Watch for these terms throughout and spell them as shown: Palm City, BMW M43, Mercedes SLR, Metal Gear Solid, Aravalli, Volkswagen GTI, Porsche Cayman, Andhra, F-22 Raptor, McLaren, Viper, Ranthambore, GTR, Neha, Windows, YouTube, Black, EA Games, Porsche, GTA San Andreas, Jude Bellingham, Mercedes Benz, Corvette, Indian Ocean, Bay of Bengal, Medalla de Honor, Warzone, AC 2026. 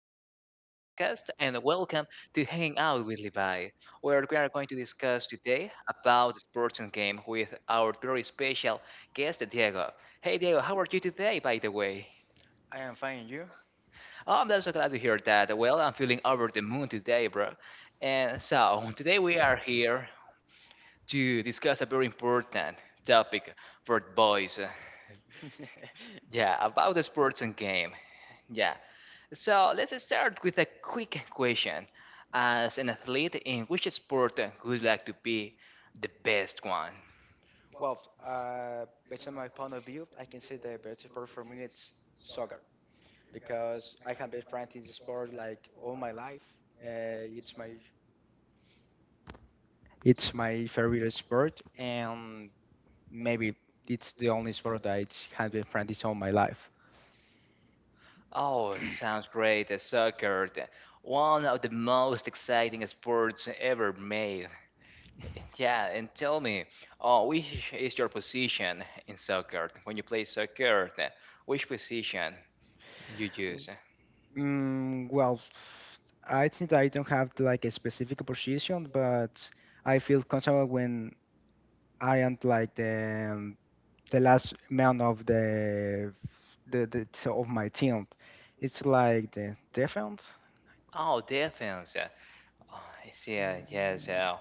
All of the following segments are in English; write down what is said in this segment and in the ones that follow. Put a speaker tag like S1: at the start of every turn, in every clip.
S1: listening to this podcast and welcome to Hanging Out with Levi, where we are going to discuss today about the sports and game with our very special guest, Diego. Hey, Diego, how are you today, by the way?
S2: I am fine, you?
S1: Oh, I'm so glad to hear that. Well, I'm feeling over the moon today, bro. And so, today we are here to discuss a very important topic for boys. Yeah, about the sports and game. Yeah, so let's start with a quick question. As an athlete, in which sport would you like to be the best one?
S2: Well, based on my point of view, I can say the best sport for me it's soccer because I have been practicing the sport like all my life. It's my favorite sport, and maybe it's the only sport that I have been practicing all my life.
S1: Oh, sounds great. Soccer, one of the most exciting sports ever made. Yeah, and tell me, oh, which is your position in soccer? When you play soccer, which position you use?
S2: Well, I think I don't have like a specific position, but I feel comfortable when I am like the last man of the of my team. It's like the defense.
S1: Oh, defense. I see. Yes.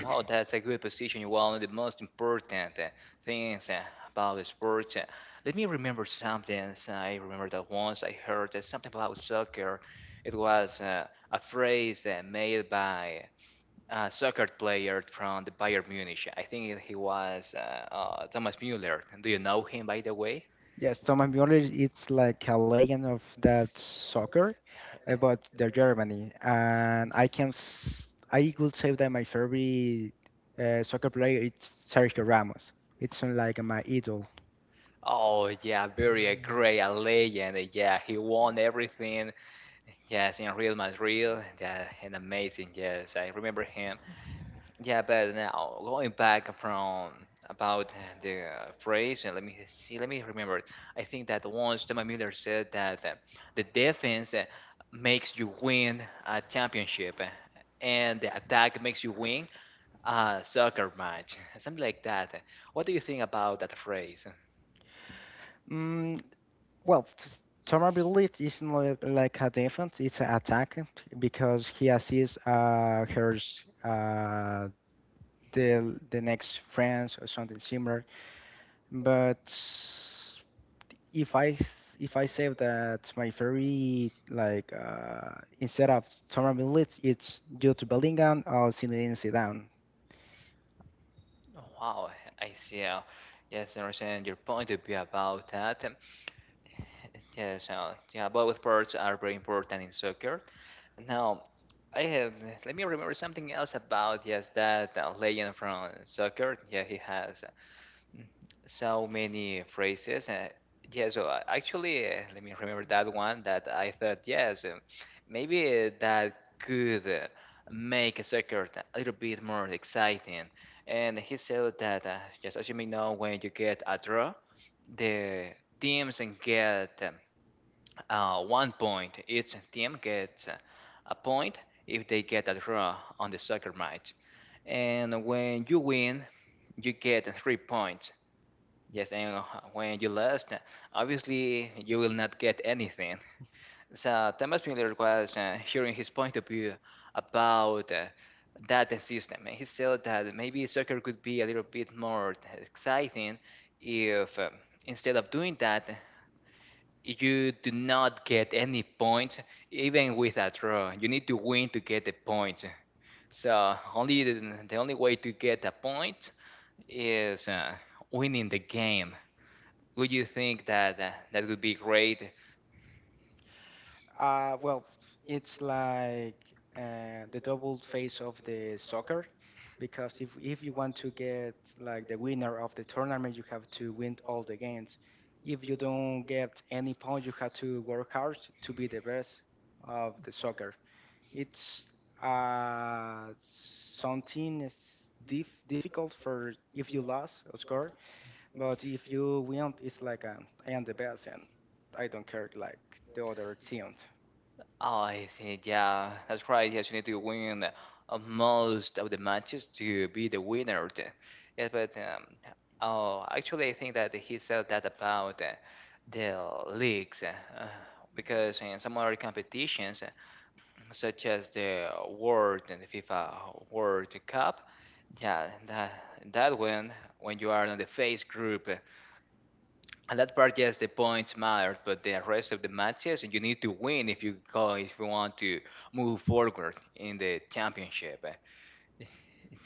S1: Wow, that's a good position. One of the most important things about the sport. Let me remember something. So I remember that once I heard something about soccer. It was a phrase made by a soccer player from the Bayern Munich. I think he was Thomas Müller. Do you know him, by the way?
S2: Yes, Thomas Müller. It's like a legend of that soccer, but the Germany. And I would say that my favorite soccer player is Sergio Ramos. It's like my idol.
S1: Oh, yeah, very great, a legend. Yeah, he won everything. Yes, in Real Madrid, yeah, and amazing. Yes, I remember him. Yeah, but now going back from about the phrase, and let me see, let me remember it. I think that once Thomas Miller said that the defense makes you win a championship, and the attack makes you win a soccer match, something like that. What do you think about that phrase?
S2: Mm, well, Thomas Müller is not like a defense. It's an attack because he assists her uh, the next friends or something similar. But if I say that my favorite like instead of Tamar Millet, it's Jude Bellingham or Zinedine Zidane.
S1: Wow, I see. Yes, I understand your point of view about that. Yes, yeah, both parts are very important in soccer. Now, I have let me remember something else about yes that legend from soccer. Yeah, he has uh, so many phrases. Yeah, so actually, let me remember that one that I thought yes, maybe that could make a soccer a little bit more exciting. And he said that yes, as you may know, when you get a draw, the teams and get 1 point. Each team gets a point if they get a draw on the soccer match. And when you win, you get 3 points. Yes, and when you lost, obviously you will not get anything. So Thomas Miller was hearing his point of view about that system, and he said that maybe soccer could be a little bit more exciting if, instead of doing that, you do not get any points. Even with a draw you need to win to get the points, so only the only way to get a point is winning the game. Would you think that that would be great?
S2: Well, it's like the double face of the soccer because if you want to get like the winner of the tournament, you have to win all the games. If you don't get any point, you have to work hard to be the best of the soccer. It's uh, something is difficult for if you lose, of course, but if you win, it's like I am the best and I don't care like the other teams.
S1: Oh, I see. Yeah, that's right. Yes, you need to win most of the matches to be the winner. Yeah, but oh, actually, I think that he said that about the leagues because in some other competitions, such as the World and the FIFA World Cup. Yeah, that one, when you are on the face group, and that part, yes, the points matter, but the rest of the matches you need to win if you want to move forward in the championship.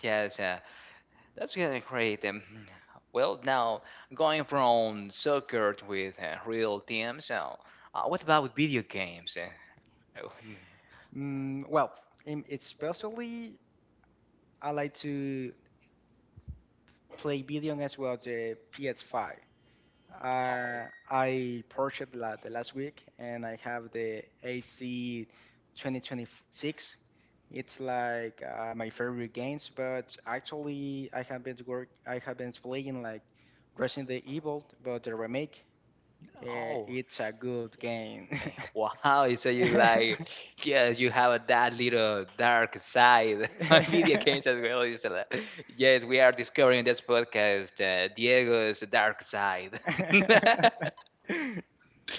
S1: Yes, that's gonna great. Well, now going from soccer with real teams, what about video games? Oh,
S2: Well, especially I like to play video games well the PS5. I purchased la the last week, and I have the AC 2026. It's like my favorite games, but actually I have been playing like Resident Evil, but the remake.
S1: Oh,
S2: It's a good game.
S1: eh, wow. So you like, yeah, you have that little dark side on video games as well. It's like, yes, we are discovering this podcast, Diego's dark side.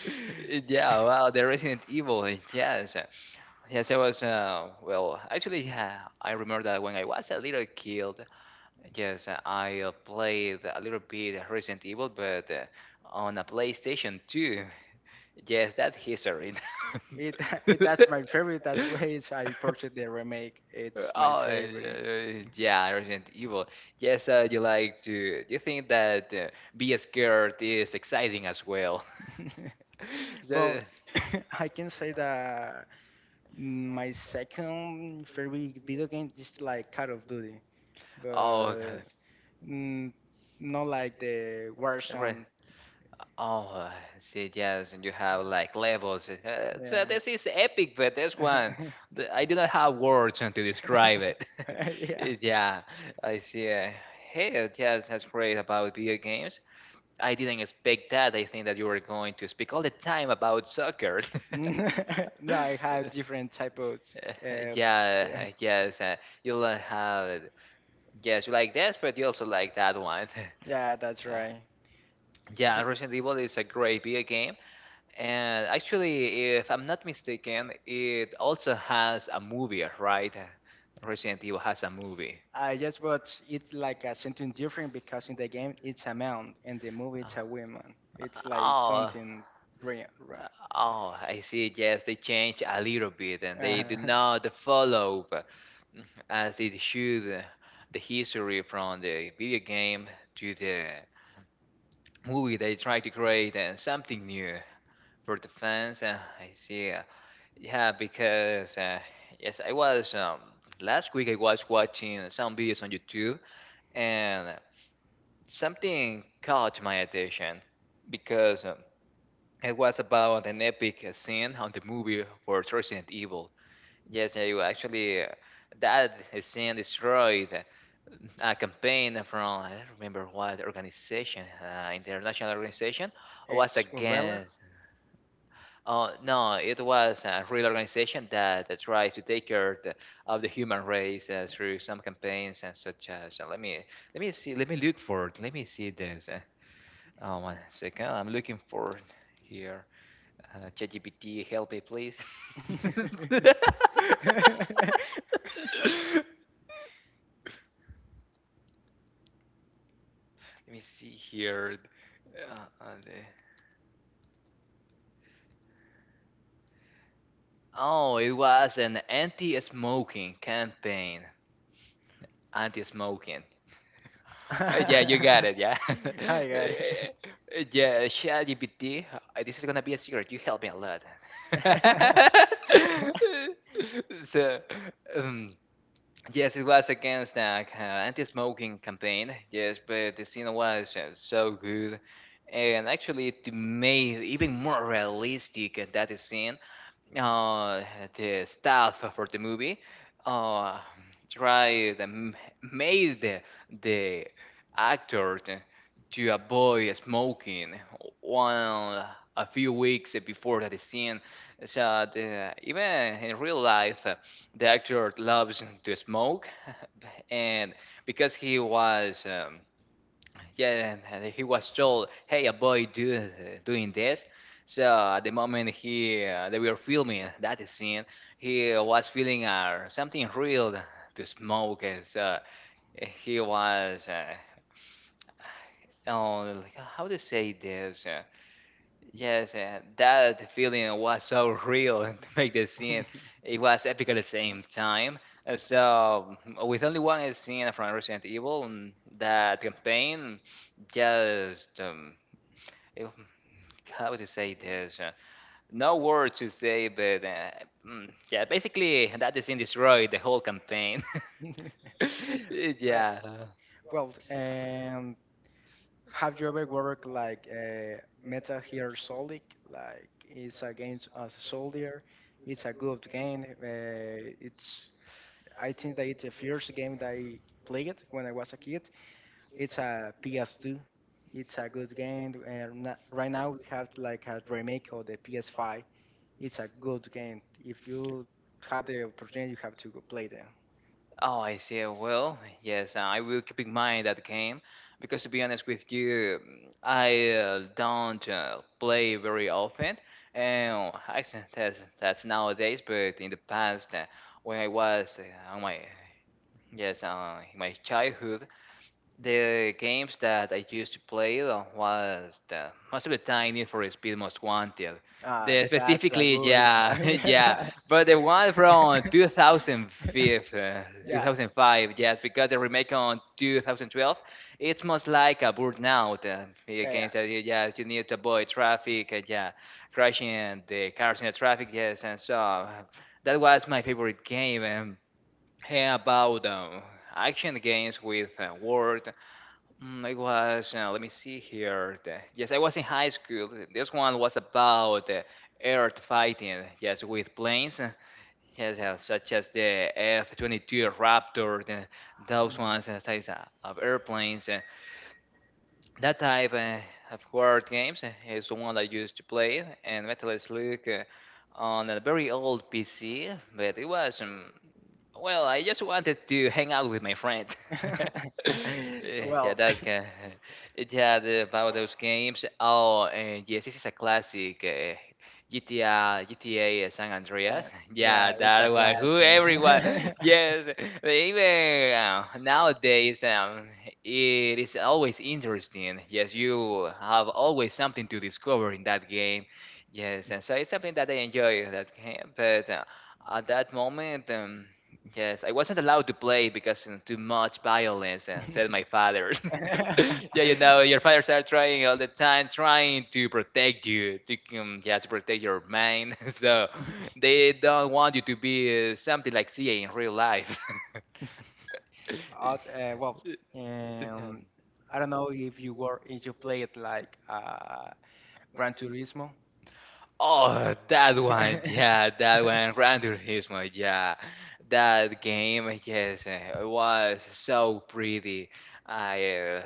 S1: Yeah, wow, the Resident Evil. Yes, yes, I was. Well, actually, yeah, I remember that when I was a little kid. Yes, I played a little bit Resident Evil, but on a PlayStation 2. Yes, that's history.
S2: It, it that's my favorite. That's why I purchased the remake.
S1: Oh,
S2: It's my favorite.
S1: yeah, Resident Evil. Yes, you like to. You think that being scared is exciting as well? So-
S2: Well, I can say that my second favorite video game is like Call of Duty,
S1: oh,
S2: but
S1: God.
S2: mm, not like the
S1: Right.
S2: Warzone.
S1: Oh, I see, yes, and you have like levels. So
S2: Yeah.
S1: this is epic, but this one, I do not have words to describe it.
S2: Yeah.
S1: Yeah, I see. Hey, yes, that's great about video games. I didn't expect that. I think that you were going to speak all the time about soccer.
S2: No, I have different types.
S1: Uh,
S2: Uh,
S1: yeah,
S2: yeah.
S1: yes, you like have yes, you like this, but you also like that one.
S2: Yeah, that's
S1: Yeah,
S2: right.
S1: yeah,
S2: B-
S1: Resident Evil is a great video game. And actually, if I'm not mistaken, it also has a movie, right? Resident Evil has a movie.
S2: I just watched it's like a something different because in the game it's a man and the movie it's a woman. It's like
S1: Oh,
S2: something real, right?
S1: oh, I see. Yes, they change a little bit, and they do
S2: Uh,
S1: not follow as it should the history from the video game to the movie. They try to create something new for the fans. I see. Yeah, because yes, I was last week I was watching some videos on YouTube, and something caught my attention because it was about an epic scene on the movie for Resident Evil. Yes, you actually that scene destroyed a campaign from, I don't remember what organization, international organization, was
S2: it's umbrella.
S1: against, no, it was a real organization that tries to take care of the human race through some campaigns and such as. Let me see. Let me look for it. Let me see this. Oh, One second. I'm looking for it here. ChatGPT, help me, please. Let me see here. Uh, uh, the- oh, it was an anti-smoking campaign. Anti-smoking. Yeah, you got it. Yeah,
S2: I got it.
S1: Yeah. ChatGPT, this is gonna be a secret. You helped me a lot. So, um, yes, it was against the anti-smoking campaign. Yes, but the scene was so good, and actually it made even more realistic that scene, uh, the staff for the movie uh, tried and made the actor to avoid smoking one a few weeks before that scene. So even in real life, the actor loves to smoke, and because he was, yeah, he was told, hey a boy doing this, so at the moment he, they were filming that scene, he was feeling something real to smoke, and so he was oh, like, how to say this, yes, that feeling was so real to make the scene, it was epic at the same time. So with only one scene from Resident Evil, that campaign just, if- how to say this? No word to say, but, yeah, basically that is in destroyed the whole campaign.
S2: Well,
S1: Yeah.
S2: well, and have you ever worked like Metal Gear Solid? Like it's a game as a soldier. It's a good game. It's I think that it's the first game that I played when I was a kid. It's a PS2. It's a good game. And right now we have like a remake of the PS5. It's a good game. If you have the opportunity, you have to go play them.
S1: Oh, I see. Well, yes, I will keep in mind that game because, to be honest with you, I don't play very often. And oh, actually, that's nowadays, but in the past, when I was, on my yes, in my childhood, the games that I used to play was the, most of the time Need for Speed Most Wanted.
S2: Ah,
S1: The
S2: that's a
S1: specifically,
S2: good
S1: yeah,
S2: one.
S1: yeah, but the one from 2005,
S2: Yeah.
S1: 2005, yes, because the remake on 2012, it's most like a burnout. The
S2: Yeah. Yeah.
S1: games that you, yeah, you need to avoid traffic, yeah, crashing the cars in the traffic, yes, and so that was my favorite game. And hey, about action games with world. It was, let me see here. The, yes, I was in high school. This one was about air fighting, yes, with planes, yes, such as the F-22 Raptor, the, those ones, types of airplanes. That type of word games is the one I used to play, and Metal Slug on a very old PC, but it was. Well, I just wanted to hang out with my friend.
S2: Mm.
S1: Yeah,
S2: Well,
S1: that's good. Yeah, the, about those games. Oh, yes, this is a classic. GTA, GTA San
S2: uh,
S1: Andreas.
S2: yeah,
S1: Yeah,
S2: it's a
S1: that one.
S2: class.
S1: Who everyone?
S2: Eh?
S1: Yes, they even nowadays, it is always interesting. Yes, you have always something to discover in that game. Yes, and so it's something that I enjoy that game. But at that moment. Yes, I wasn't allowed to play because, you know, too much violence, and said my father. Yeah, you know, your fathers are trying all the time, trying to protect you, to yeah, to protect your mind. So they don't want you to be something like CA in real life.
S2: Out, well, um, I don't know if you played like Gran Turismo.
S1: Oh, that one, yeah, that one, Randy Hismo, yeah, that game, yes, it was so pretty. I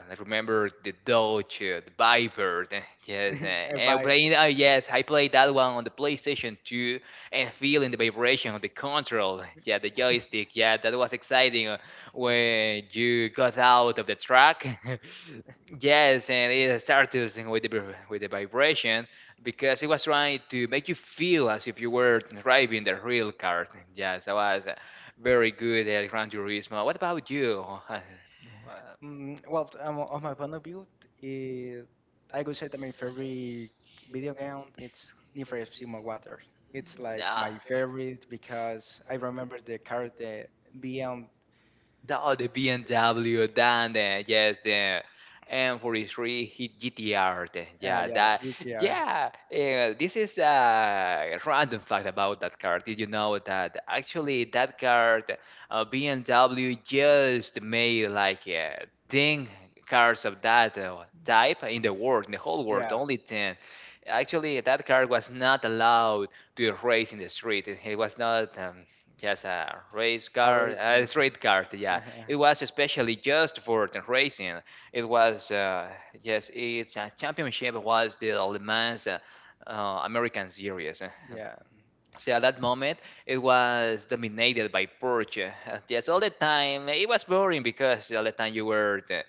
S2: Yeah.
S1: remember the Dodge, the Viper, eh, yes, eh, and
S2: By
S1: playing, yes, I played that one on the PlayStation 2 and feeling the vibration of the control, yeah, the joystick, yeah, that was exciting when you got out of the track. Yes, and it started using with the vibration because it was trying to make you feel as if you were driving the real car. Yes, that was very good, at Gran Turismo. What about you? Uh,
S2: well, on my point of view, t- eh, I would say that my favorite video game it's Need for Speed Most Wanted. It's like
S1: yeah.
S2: my favorite because I remember the car the beyond
S1: The BMW, then the, yes, the M43 hit GTR. Yeah,
S2: yeah
S1: that,
S2: GTR
S1: yeah. This is a random fact about that car. Did you know that actually that car, BMW, just made like 10 cars of that type in the world, in the whole world,
S2: yeah
S1: only 10. Actually, that car was not allowed to race in the street. It was not yes, a race
S2: a
S1: car, a
S2: racing
S1: street car. Yeah,
S2: uh-huh.
S1: it was especially just for the racing. It was yes, its championship was the Le Mans American Series. Uh,
S2: Yeah,
S1: So at that moment, it was dominated by Porsche. Yes, all the time it was boring because all the time you were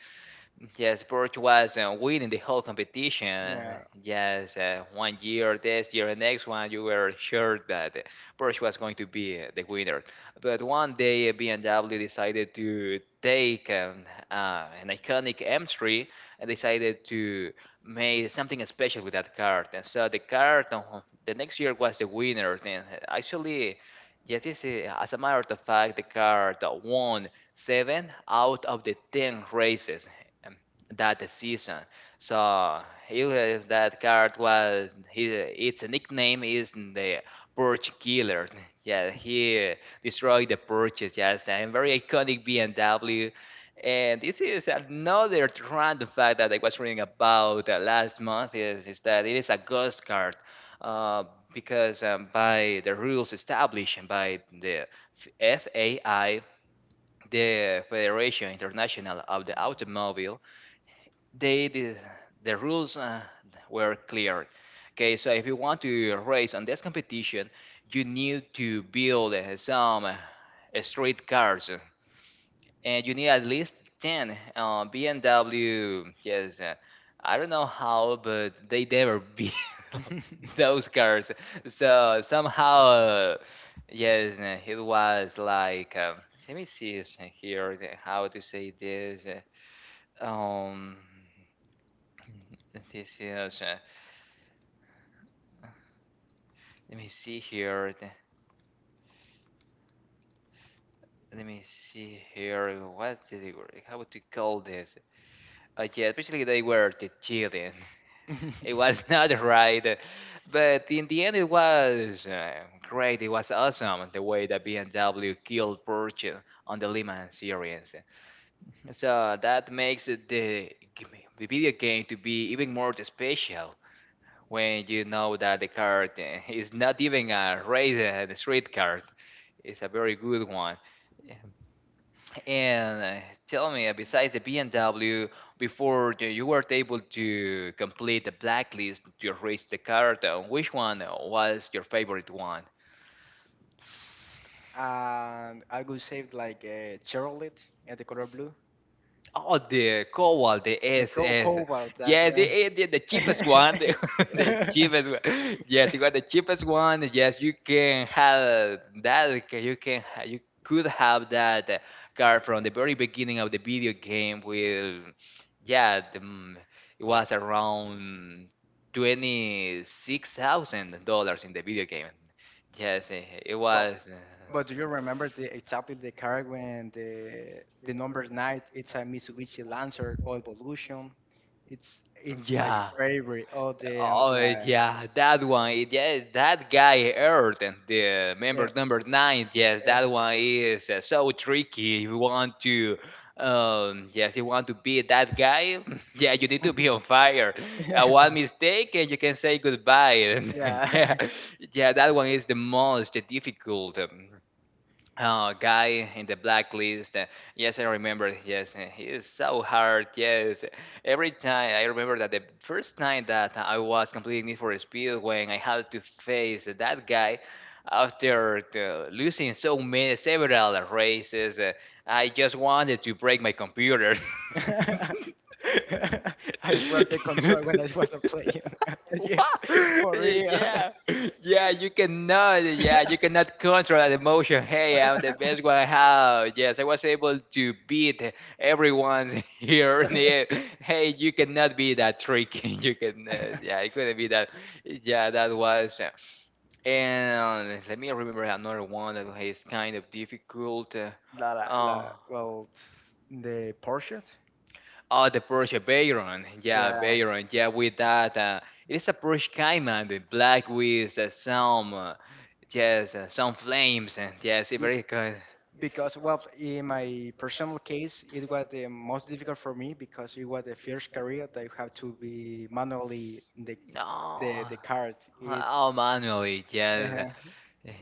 S1: yes, Borch was winning the whole competition.
S2: yeah,
S1: Yes, 1 year, this year, and next one, you were sure that Borch was going to be the winner. But one day, BMW decided to take an iconic M3 and decided to make something special with that car. And so the car, the next year was the winner. And actually, yes, this is, as a matter of fact, the car that won seven out of the 10 races um, that season. So he that card was his? Its nickname is the Purge Killer. Yeah, he destroyed the purges. Yes, and very iconic BMW. And this is another random fact that I was reading about last month is that it is a ghost card uh, because by the rules established by the FAI, the Federation International of the Automobile, they did, the rules were clear. Okay, so if you want to race on this competition, you need to build some street cars, and you need at least 10 bmw, yes, I don't know how, but they never beat those cars, so somehow yes, it was like let me see this here, how to say this, uh, um this is, let me see here, let me see here what did it, how would you call this, yeah, basically they were the children. It was not right, but in the end, it was great. It was awesome the way that BMW killed Porsche on the Le Mans series. So that makes the video game to be even more special when you know that the car is not even a race, the street car. It's a very good one. Yeah. And tell me, besides the BMW, before the, you were able to complete the blacklist to reach the car, which one was your favorite one?
S2: and I would say like Chevrolet and the color blue.
S1: Oh, the Cobalt, the
S2: The
S1: SS.
S2: cobalt, that's
S1: Yes, it,
S2: right.
S1: it, the cheapest one, the, the cheapest one. Yes, you got the cheapest one. Yes, you can have that. You can, you could have that car from the very beginning of the video game. With, yeah, the, mm, it was around $26,000 in the video game. Yes, eh, it
S2: Well,
S1: was.
S2: but do you remember the exactly the car when the number nine? It's a Mitsubishi Lancer or Evolution. It's my
S1: Yeah.
S2: favorite. All the
S1: Oh
S2: like,
S1: yeah, that one. Yeah, that guy Earth, the
S2: yeah,
S1: member number nine. Yes, that one is so tricky. If you want to, yes, you want to be that guy. Yeah, you need to be on fire.
S2: yeah.
S1: One mistake and you can say goodbye. Yeah,
S2: Yeah.
S1: yeah, that one is the most difficult guy in the blacklist. Yes, I remember. Yes, he is so hard. Yes, every time I remember that the first time that I was completing Need for Speed, when I had to face that guy after losing so many several races, I just wanted to break my computer.
S2: I broke the control when I was a player. Yes,
S1: What?
S2: for real.
S1: Yeah, yeah, you cannot control that emotion. Hey, I'm the best one I have. Yes, I was able to beat everyone here. Yeah. Hey, you cannot be that tricky. You can, yeah, it couldn't be that. Yeah, that was. And let me remember another one that is kind of difficult.
S2: La, la,
S1: Oh.
S2: la, well, the Porsche.
S1: Oh, the Porsche Veyron. Yeah,
S2: Yeah,
S1: Veyron. Yeah, with that. It is a Porsche Cayman, the black with some, yes, some flames. And yes, it
S2: it-
S1: very good.
S2: because well, in my personal case, it was the most difficult for me because it was the first career that you have to be manually the the,
S1: No.
S2: the card. It's
S1: Oh, manually. Yes,
S2: uh,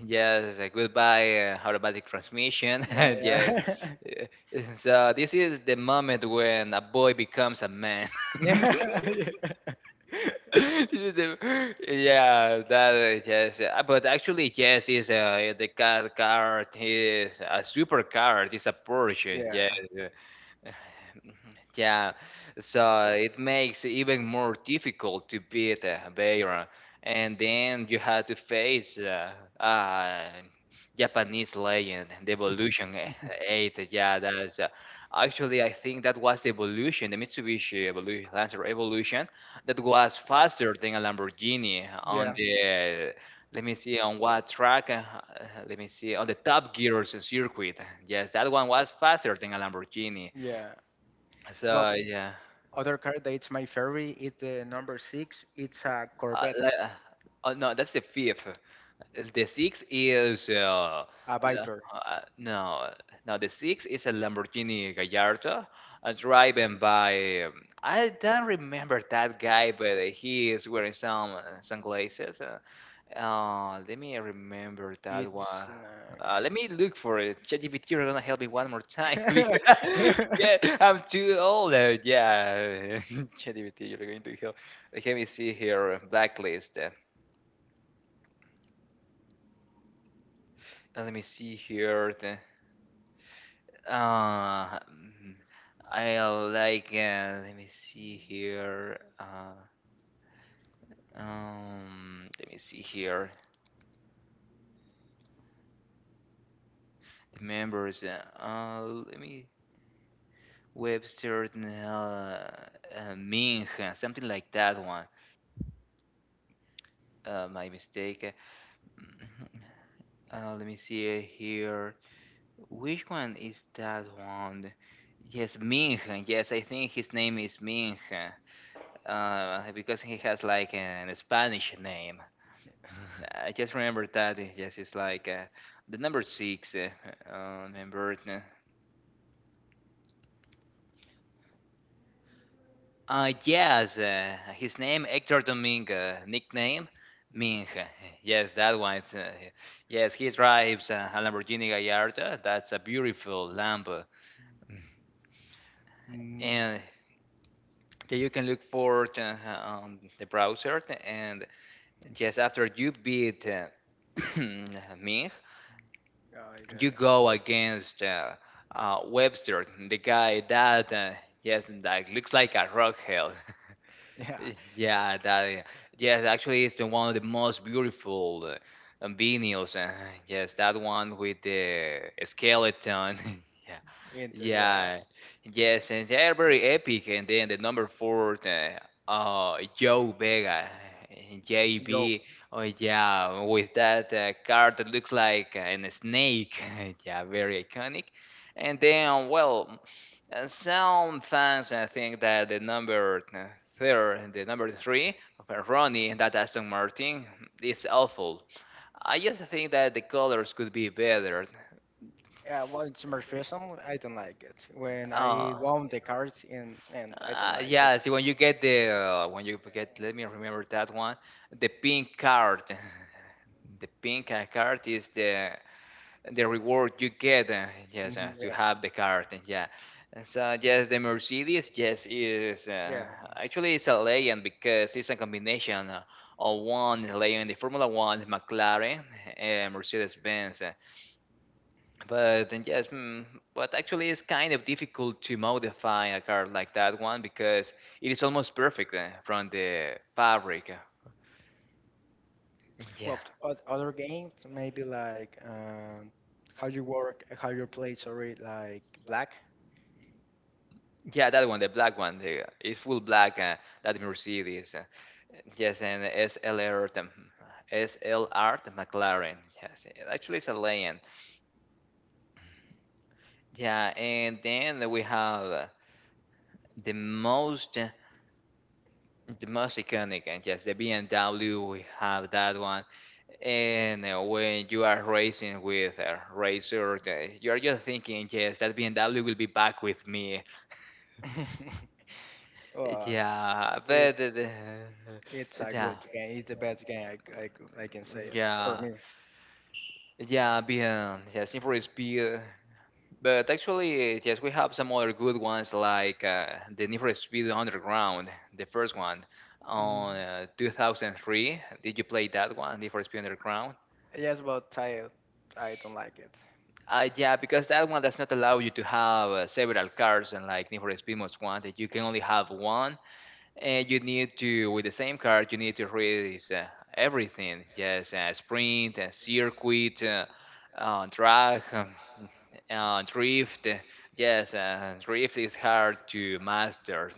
S1: yes, goodbye, automatic transmission.
S2: yeah,
S1: Yeah.
S2: yeah,
S1: Uh, So this is the moment when a boy becomes a man.
S2: yeah. Yeah.
S1: Yeah, that is, yes. But actually, yes, is the card is a super card. It's a Porsche. Yes.
S2: Yeah.
S1: Yeah, so it makes it even more difficult to beat Beira, and then you had to face uh, Japanese legend, the Evolution eh, 8. Yeah, that's actually I think that was the Evolution, the Mitsubishi Evolution, Lancer Evolution, that was faster than a Lamborghini on
S2: Yeah.
S1: the. Let me see on what track. Let me see on the Top Gears circuit. Yes, that one was faster than a Lamborghini.
S2: Yeah. Well,
S1: So yeah.
S2: other car that's my favorite is the number six. It's a
S1: Uh,
S2: Corvette,
S1: like, uh, oh, no, that's the fifth. The sixth is
S2: a
S1: the-
S2: Viper.
S1: no, no. The sixth is a Lamborghini Gallardo, driven by I don't remember that guy, but he is wearing some sunglasses. Let me remember that
S2: It's
S1: one. Let me look for it. ChatGPT, you're gonna help me one more time
S2: uh,
S1: because yeah, I'm too old. Yeah, ChatGPT, you're going to help. Let me see here. Blacklist. Let me see here. The, uh, mm, I like. Let me see here. Let me see here. The members. Let me. Webster, Ming, something like that one. My mistake. Let me see here. Which one is that one? Yes, Ming. Yes, I think his name is Ming. Because he has like an Spanish name. Mm, I just remember that. Yes, it's like the number six. Remember. Yes, his name Hector Domingo, nickname Ming. Yes, that one. It's, yes, he drives a Lamborghini Gallardo. That's a beautiful Lambo,
S2: mm,
S1: and yeah, you can look for it on the browser. And just after you beat Ming,
S2: oh, I got
S1: you
S2: it.
S1: go against Webster, the guy that yes, that looks like a rock hell.
S2: Yeah,
S1: Yeah, that yeah. Yes, actually, it's one of the most beautiful vinyls. Yes, that one with the skeleton. Yeah.
S2: into the
S1: Yeah, yes, and they are very epic. And then the number four, Joe Vega, and
S2: Yo.
S1: JB. Oh yeah, with that card that looks like a snake. Yeah, very iconic. And then, well, some fans I think that the number third, the number three of Ronnie, that Aston Martin, is awful. I just think that the colors could be better.
S2: Yeah, well, it's my personal. I don't like it when I
S1: Oh.
S2: won the cards and I don't like it.
S1: Yeah, see when you get the when you get let me remember that one, the pink card. The pink card is the reward you get. Yes,
S2: Mhm,
S1: to
S2: yeah,
S1: have the card. And yeah. And so yes, the Mercedes yes is
S2: yeah.
S1: actually it's a legend because it's a combination of one legend, the Formula One, McLaren, and Mercedes Benz. But then yes, mm, but actually it's kind of difficult to modify a car like that one because it is almost perfect from the fabric. Yeah,
S2: Well, other games maybe like how you work, how you play. Sorry, like Black.
S1: yeah, that one, the black one, the, it's full black. That Mercedes, yes, and SLR, the SLR, the McLaren. Yes, it actually it's a legend. Yeah, and then we have the most. The most iconic, and yes, the BMW, we have that one. And when you are racing with a racer, you are just thinking, yes, that BMW will be back with me.
S2: um,
S1: Yeah, but
S2: it's it's a
S1: yeah,
S2: good game. It's the best game I can say it for
S1: yeah,
S2: me.
S1: yeah, being yeah, Need for Speed. But actually, yes, we have some other good ones like the Need for Speed Underground, the first one on 2003. Did you play that one, Need for Speed Underground?
S2: Yes, but I don't like it.
S1: Yeah, because that one does not allow you to have several cars and like Need for Speed Most Wanted. You can only have one. And you need to, with the same card, you need to read is, everything. Yes, sprint, circuit, drag, drift. Yes, drift is hard to master.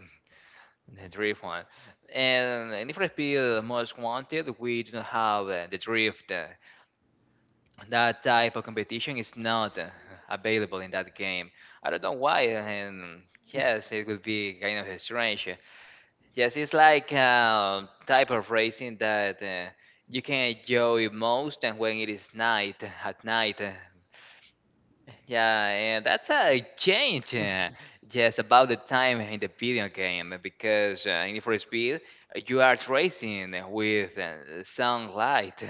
S1: The drift one. And in Need for Speed Most Wanted, we do not have the drift. That type of competition is not available in that game. I don't know why, and yes, it would be kind of strange. Yes, it's like a type of racing that you can enjoy most, and when it is night, at night. Yeah, and that's a change, yes, about the time in the video game, because in Need for Speed you are racing with sunlight.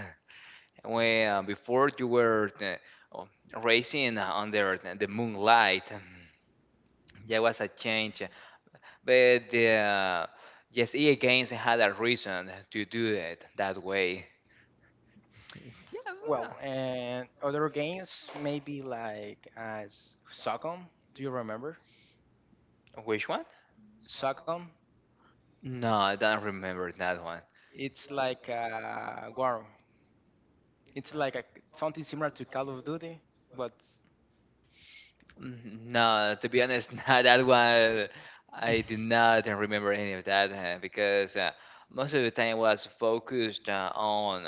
S1: When before you were oh, racing under the moonlight, there was a change, but yes, EA Games had a reason to do it that way. Yeah.
S2: Well, and other games maybe like Socom. Do you remember
S1: Which one?
S2: Socom?
S1: No, I don't remember that one.
S2: It's like wow. It's like a, something similar to Call of Duty, but
S1: Mhm. No, to be honest, no, that one I did not remember any of that because most of the time was focused on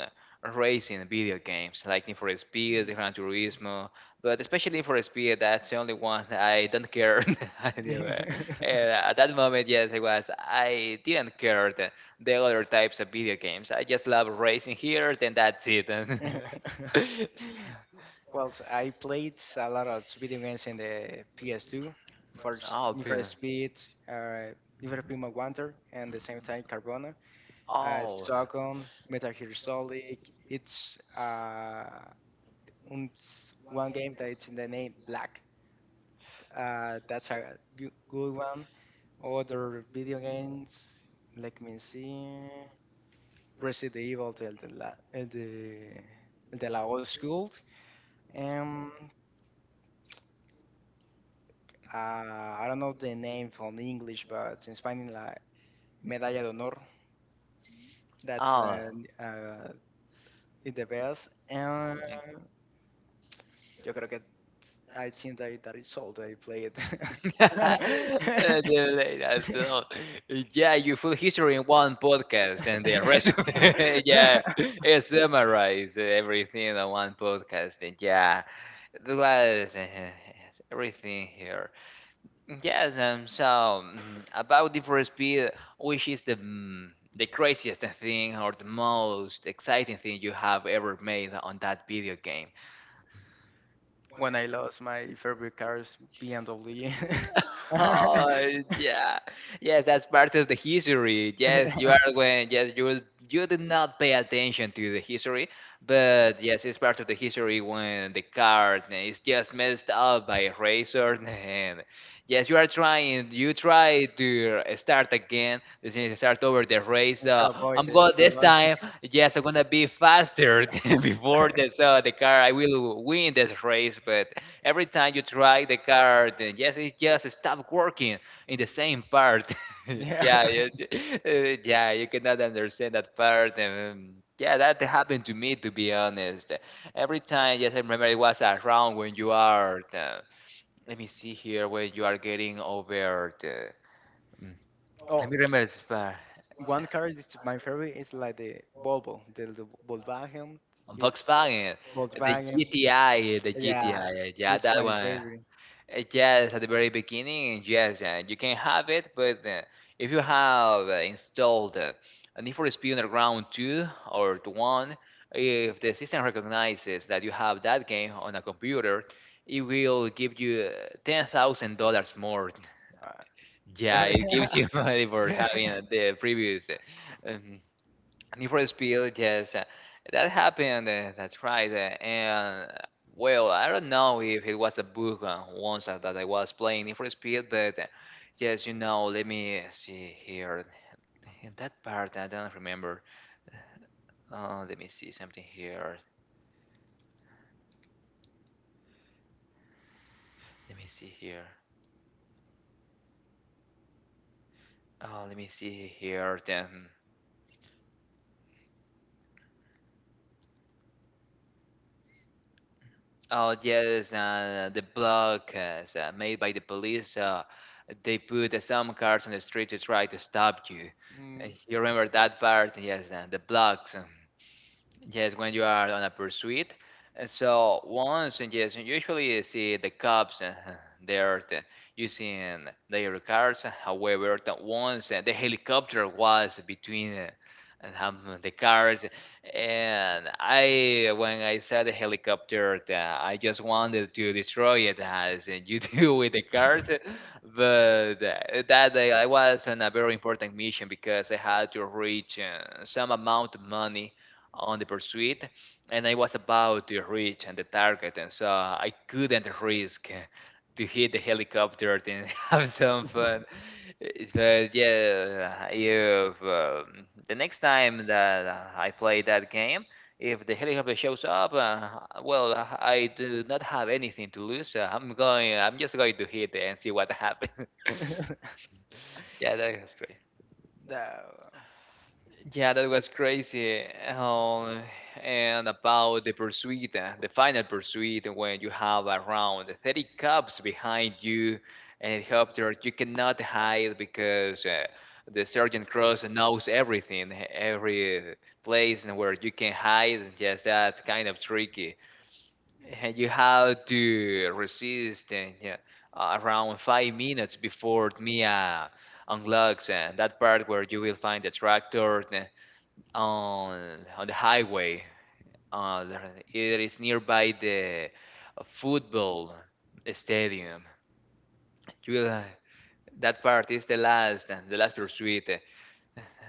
S1: racing video games like Need for Speed, Gran Turismo, but especially Need for Speed. That's the only one I don't care. I never- uh, At that moment, yes, I was. I didn't care the other types of video games. I just love racing here, then that's it.
S2: well, I played a lot of video games in the PS2. First,
S1: Oh, yeah.
S2: Uh, Need for Speed Most Wanted, and the same time Carbona.
S1: Oh.
S2: Socom, Metal Gear Solid. It's and one game that it's in the name Black. That's a good one. Other video games, let me see, Resident Evil, the la old school. Um, I don't know the name from English, but in Spanish, la Medalla de Honor. That's
S1: Oh.
S2: in the best. And yo creo que I think that that is all that I played.
S1: Delay that, so yeah, you full history in one podcast and the resume. Yeah, it summarize everything in one podcast, and yeah, the was everything here. Yes, about different speed, which is the the craziest thing or the most exciting thing you have ever made on that video game?
S2: When I lost my favorite car's BMW.
S1: Oh, yeah. Yes, that's part of the history. Yes, you are when yes, you will you did not pay attention to the history, but yes, it's part of the history when the card is just messed up by a razor. And yes, you are trying you try to start again, this is start over the race.
S2: To
S1: I'm
S2: avoid
S1: going
S2: it, to
S1: this
S2: lose
S1: time. Yes, I'm gonna be faster than before
S2: it.
S1: this the car I will win this race, but every time you try the card, yes, it just stop working in the same part. Yeah,
S2: Yeah.
S1: yes, yeah, you cannot understand that part. Yeah, that happened to me, to be honest. Every time, yes, I remember it was around when you are, let me see here, when you are getting over the, mm, let
S2: Oh,
S1: me remember this part.
S2: one car is my favorite. It's like the Volvo, the Volkswagen. It's
S1: Volkswagen, the
S2: Volkswagen.
S1: GTI, the
S2: Yeah,
S1: GTI, yeah,
S2: it's
S1: that
S2: my
S1: one.
S2: favorite.
S1: Yes, at the very beginning, yes, you can have it, but if you have installed a Need for Speed Underground 2 or 1, if the system recognizes that you have that game on a computer, it will give you $10,000 more.
S2: Uh,
S1: Yeah, it gives
S2: oh,
S1: you money for
S2: yeah.
S1: having the previous um, Need for Speed, yes, that happened. That's right. And well, I don't know if it was a book once that I was playing Need for Speed, but yes, you know. Let me see here. In that part, I don't remember. Let me see something here. Let me see here. Oh, let me see here. Then. Oh yes, the block made by the police. They put some cars on the street to try to stop you.
S2: Mm,
S1: You remember that part? Yes, the blocks. Yes, when you are on a pursuit. And so once, and yes, and usually you see the cops there using their cars. However, that once the helicopter was between and, the cars, and I, when I saw the helicopter, I just wanted to destroy it as you do with the cars. But that day I was on a very important mission because I had to reach some amount of money on the pursuit and I was about to reach and the target, and so I couldn't risk to hit the helicopter and have some fun. But yeah, if the next time that I play that game, if the helicopter shows up, well, I do not have anything to lose. So I'm going. I'm just going to hit and see what happens. Yeah, that is great.
S2: no.
S1: Yeah, that was crazy. Um, and about the pursuit, the final pursuit, when you have around 30 cops behind you and helicopter, you cannot hide because the Sergeant Cross knows everything, every place and where you can hide. Yes, that's kind of tricky. And you have to resist and, yeah, around 5 minutes before Mia unlocks that part where you will find the tractor on the highway. It is nearby the football stadium. You will, that part is the last pursuit.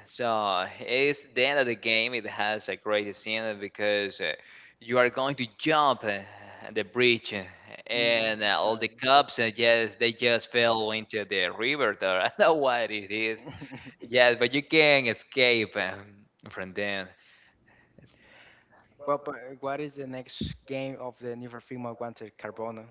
S1: So it's the end of the game. It has a great scene because you are going to jump the bridge,
S2: Mm,
S1: and
S2: no.
S1: all the cups, yes, they just fell into the river. Though I don't know what it is. Yes, but you can escape from them.
S2: Well, but what is the next game of the Never Figma Wanted Carbono?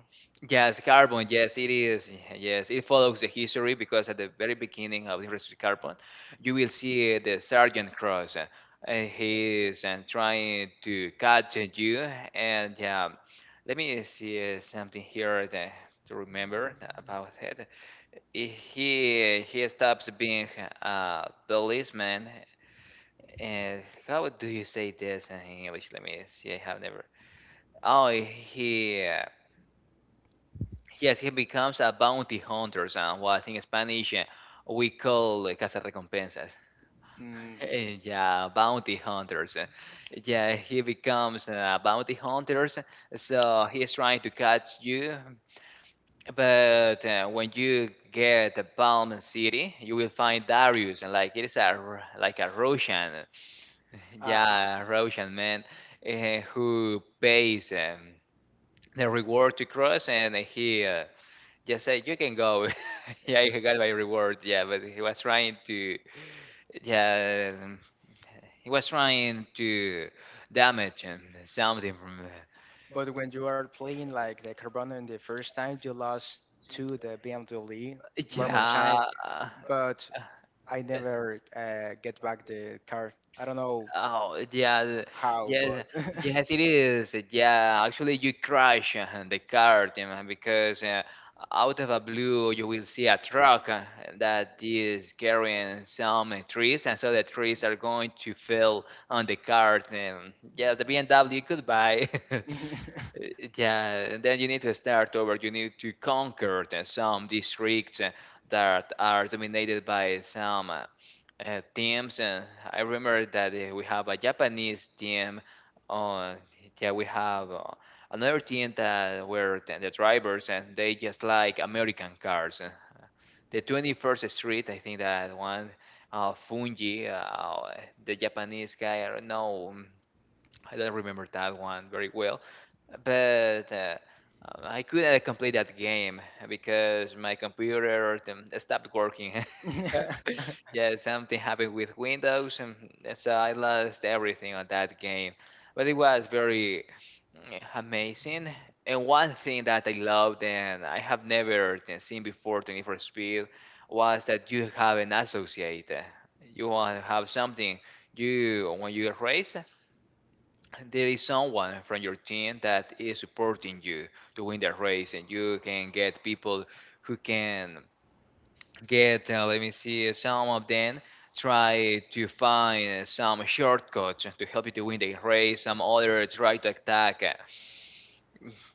S1: Yes, carbon. Yes, it is. Yes, it follows the history because at the very beginning of the history carbon, you will see the Sergeant Cross. He is trying to catch you. And let me see something here that, to remember about it. He stops being a policeman. And how do you say this in English? Let me see. I have never. Oh, he. Yes, he becomes a bounty hunter, and what I think in Spanish we call cazarrecompensas.
S2: Mm,
S1: Yeah, bounty hunters. Yeah, he becomes a bounty hunter, so he is trying to catch you. But when you get to Palm City, you will find Darius, and like it is a like a Russian,
S2: uh,
S1: yeah, Russian man who pays the reward to Cross, and he. Just say, "You can go." Yeah, I got my reward. Yeah, but he was trying to, yeah, he was trying to damage and something from,
S2: but when you are playing like the Carbono in the first time, you lost to the BMW one more time,
S1: yeah.
S2: but I never get back the car. I don't know
S1: Oh, yeah,
S2: how, but
S1: yes, yes, it is. Yeah, actually, you crash the car because out of a blue, you will see a truck that is carrying some trees, and so the trees are going to fall on the car. Yes, the BMW, goodbye. Yeah, and then you need to start over. You need to conquer some districts that are dominated by some. Teams, and I remember that we have a Japanese team on, yeah, we have another team that were the drivers and they just like American cars. The 21st street I think that one fungi the Japanese guy I don't know. I don't remember that one very well, but I couldn't complete that game because my computer stopped working. Yeah, something happened with Windows, and so I lost everything on that game. But it was very amazing. And one thing that I loved and I have never seen before 24 Speed was that you have an associate. You want to have something. You when you race, there is someone from your team that is supporting you to win the race, and you can get people who can get, let me see, some of them try to find some shortcuts to help you to win the race. Some others try to attack,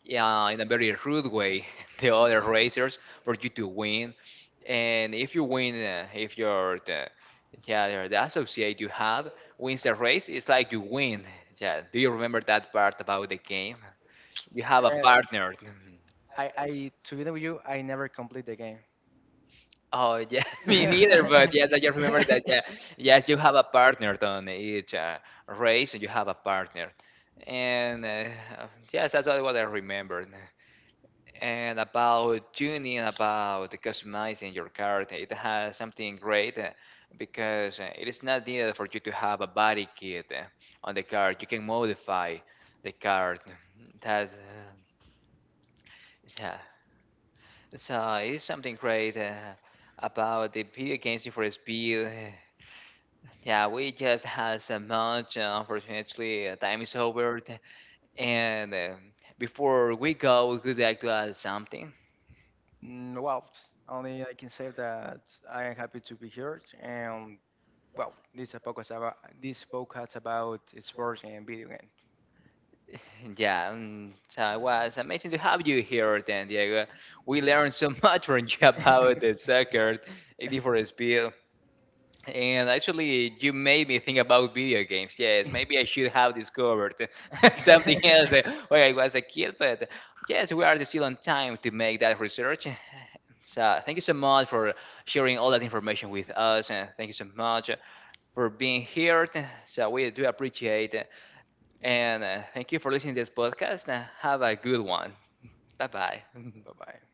S1: yeah, in a very rude way, the other racers for you to win. And if you win, if you're the yeah, the associate you have wins the race, it's like you win. Yeah, do you remember that part about the game? You have a
S2: Uh,
S1: partner.
S2: I, to be honest with you, I never complete the game.
S1: Oh yeah, me neither. But yes, I just remember that. Yeah, yes, you have a partner on each race, and you have a partner, and yes, that's what I remembered. And about tuning, about customizing your card, it has something great because it is not needed for you to have a body kit on the card. You can modify the card. That, yeah. So it's something great about the video games Need for Speed. Yeah, we just had so much. Unfortunately, time is over. And before we go, we would like to add something.
S2: Mm, well, only I can say that I am happy to be here, and well, this is a podcast about sports and video games.
S1: Yeah, so it was amazing to have you here, then, Diego. We learned so much from you about the soccer, a different speed. And actually, you made me think about video games. Yes, maybe I should have discovered something else when I was a kid. But yes, we are still on time to make that research. So thank you so much for sharing all that information with us, and thank you so much for being here. So we do appreciate it, and thank you for listening to this podcast. Have a good one. Bye bye.
S2: Bye bye.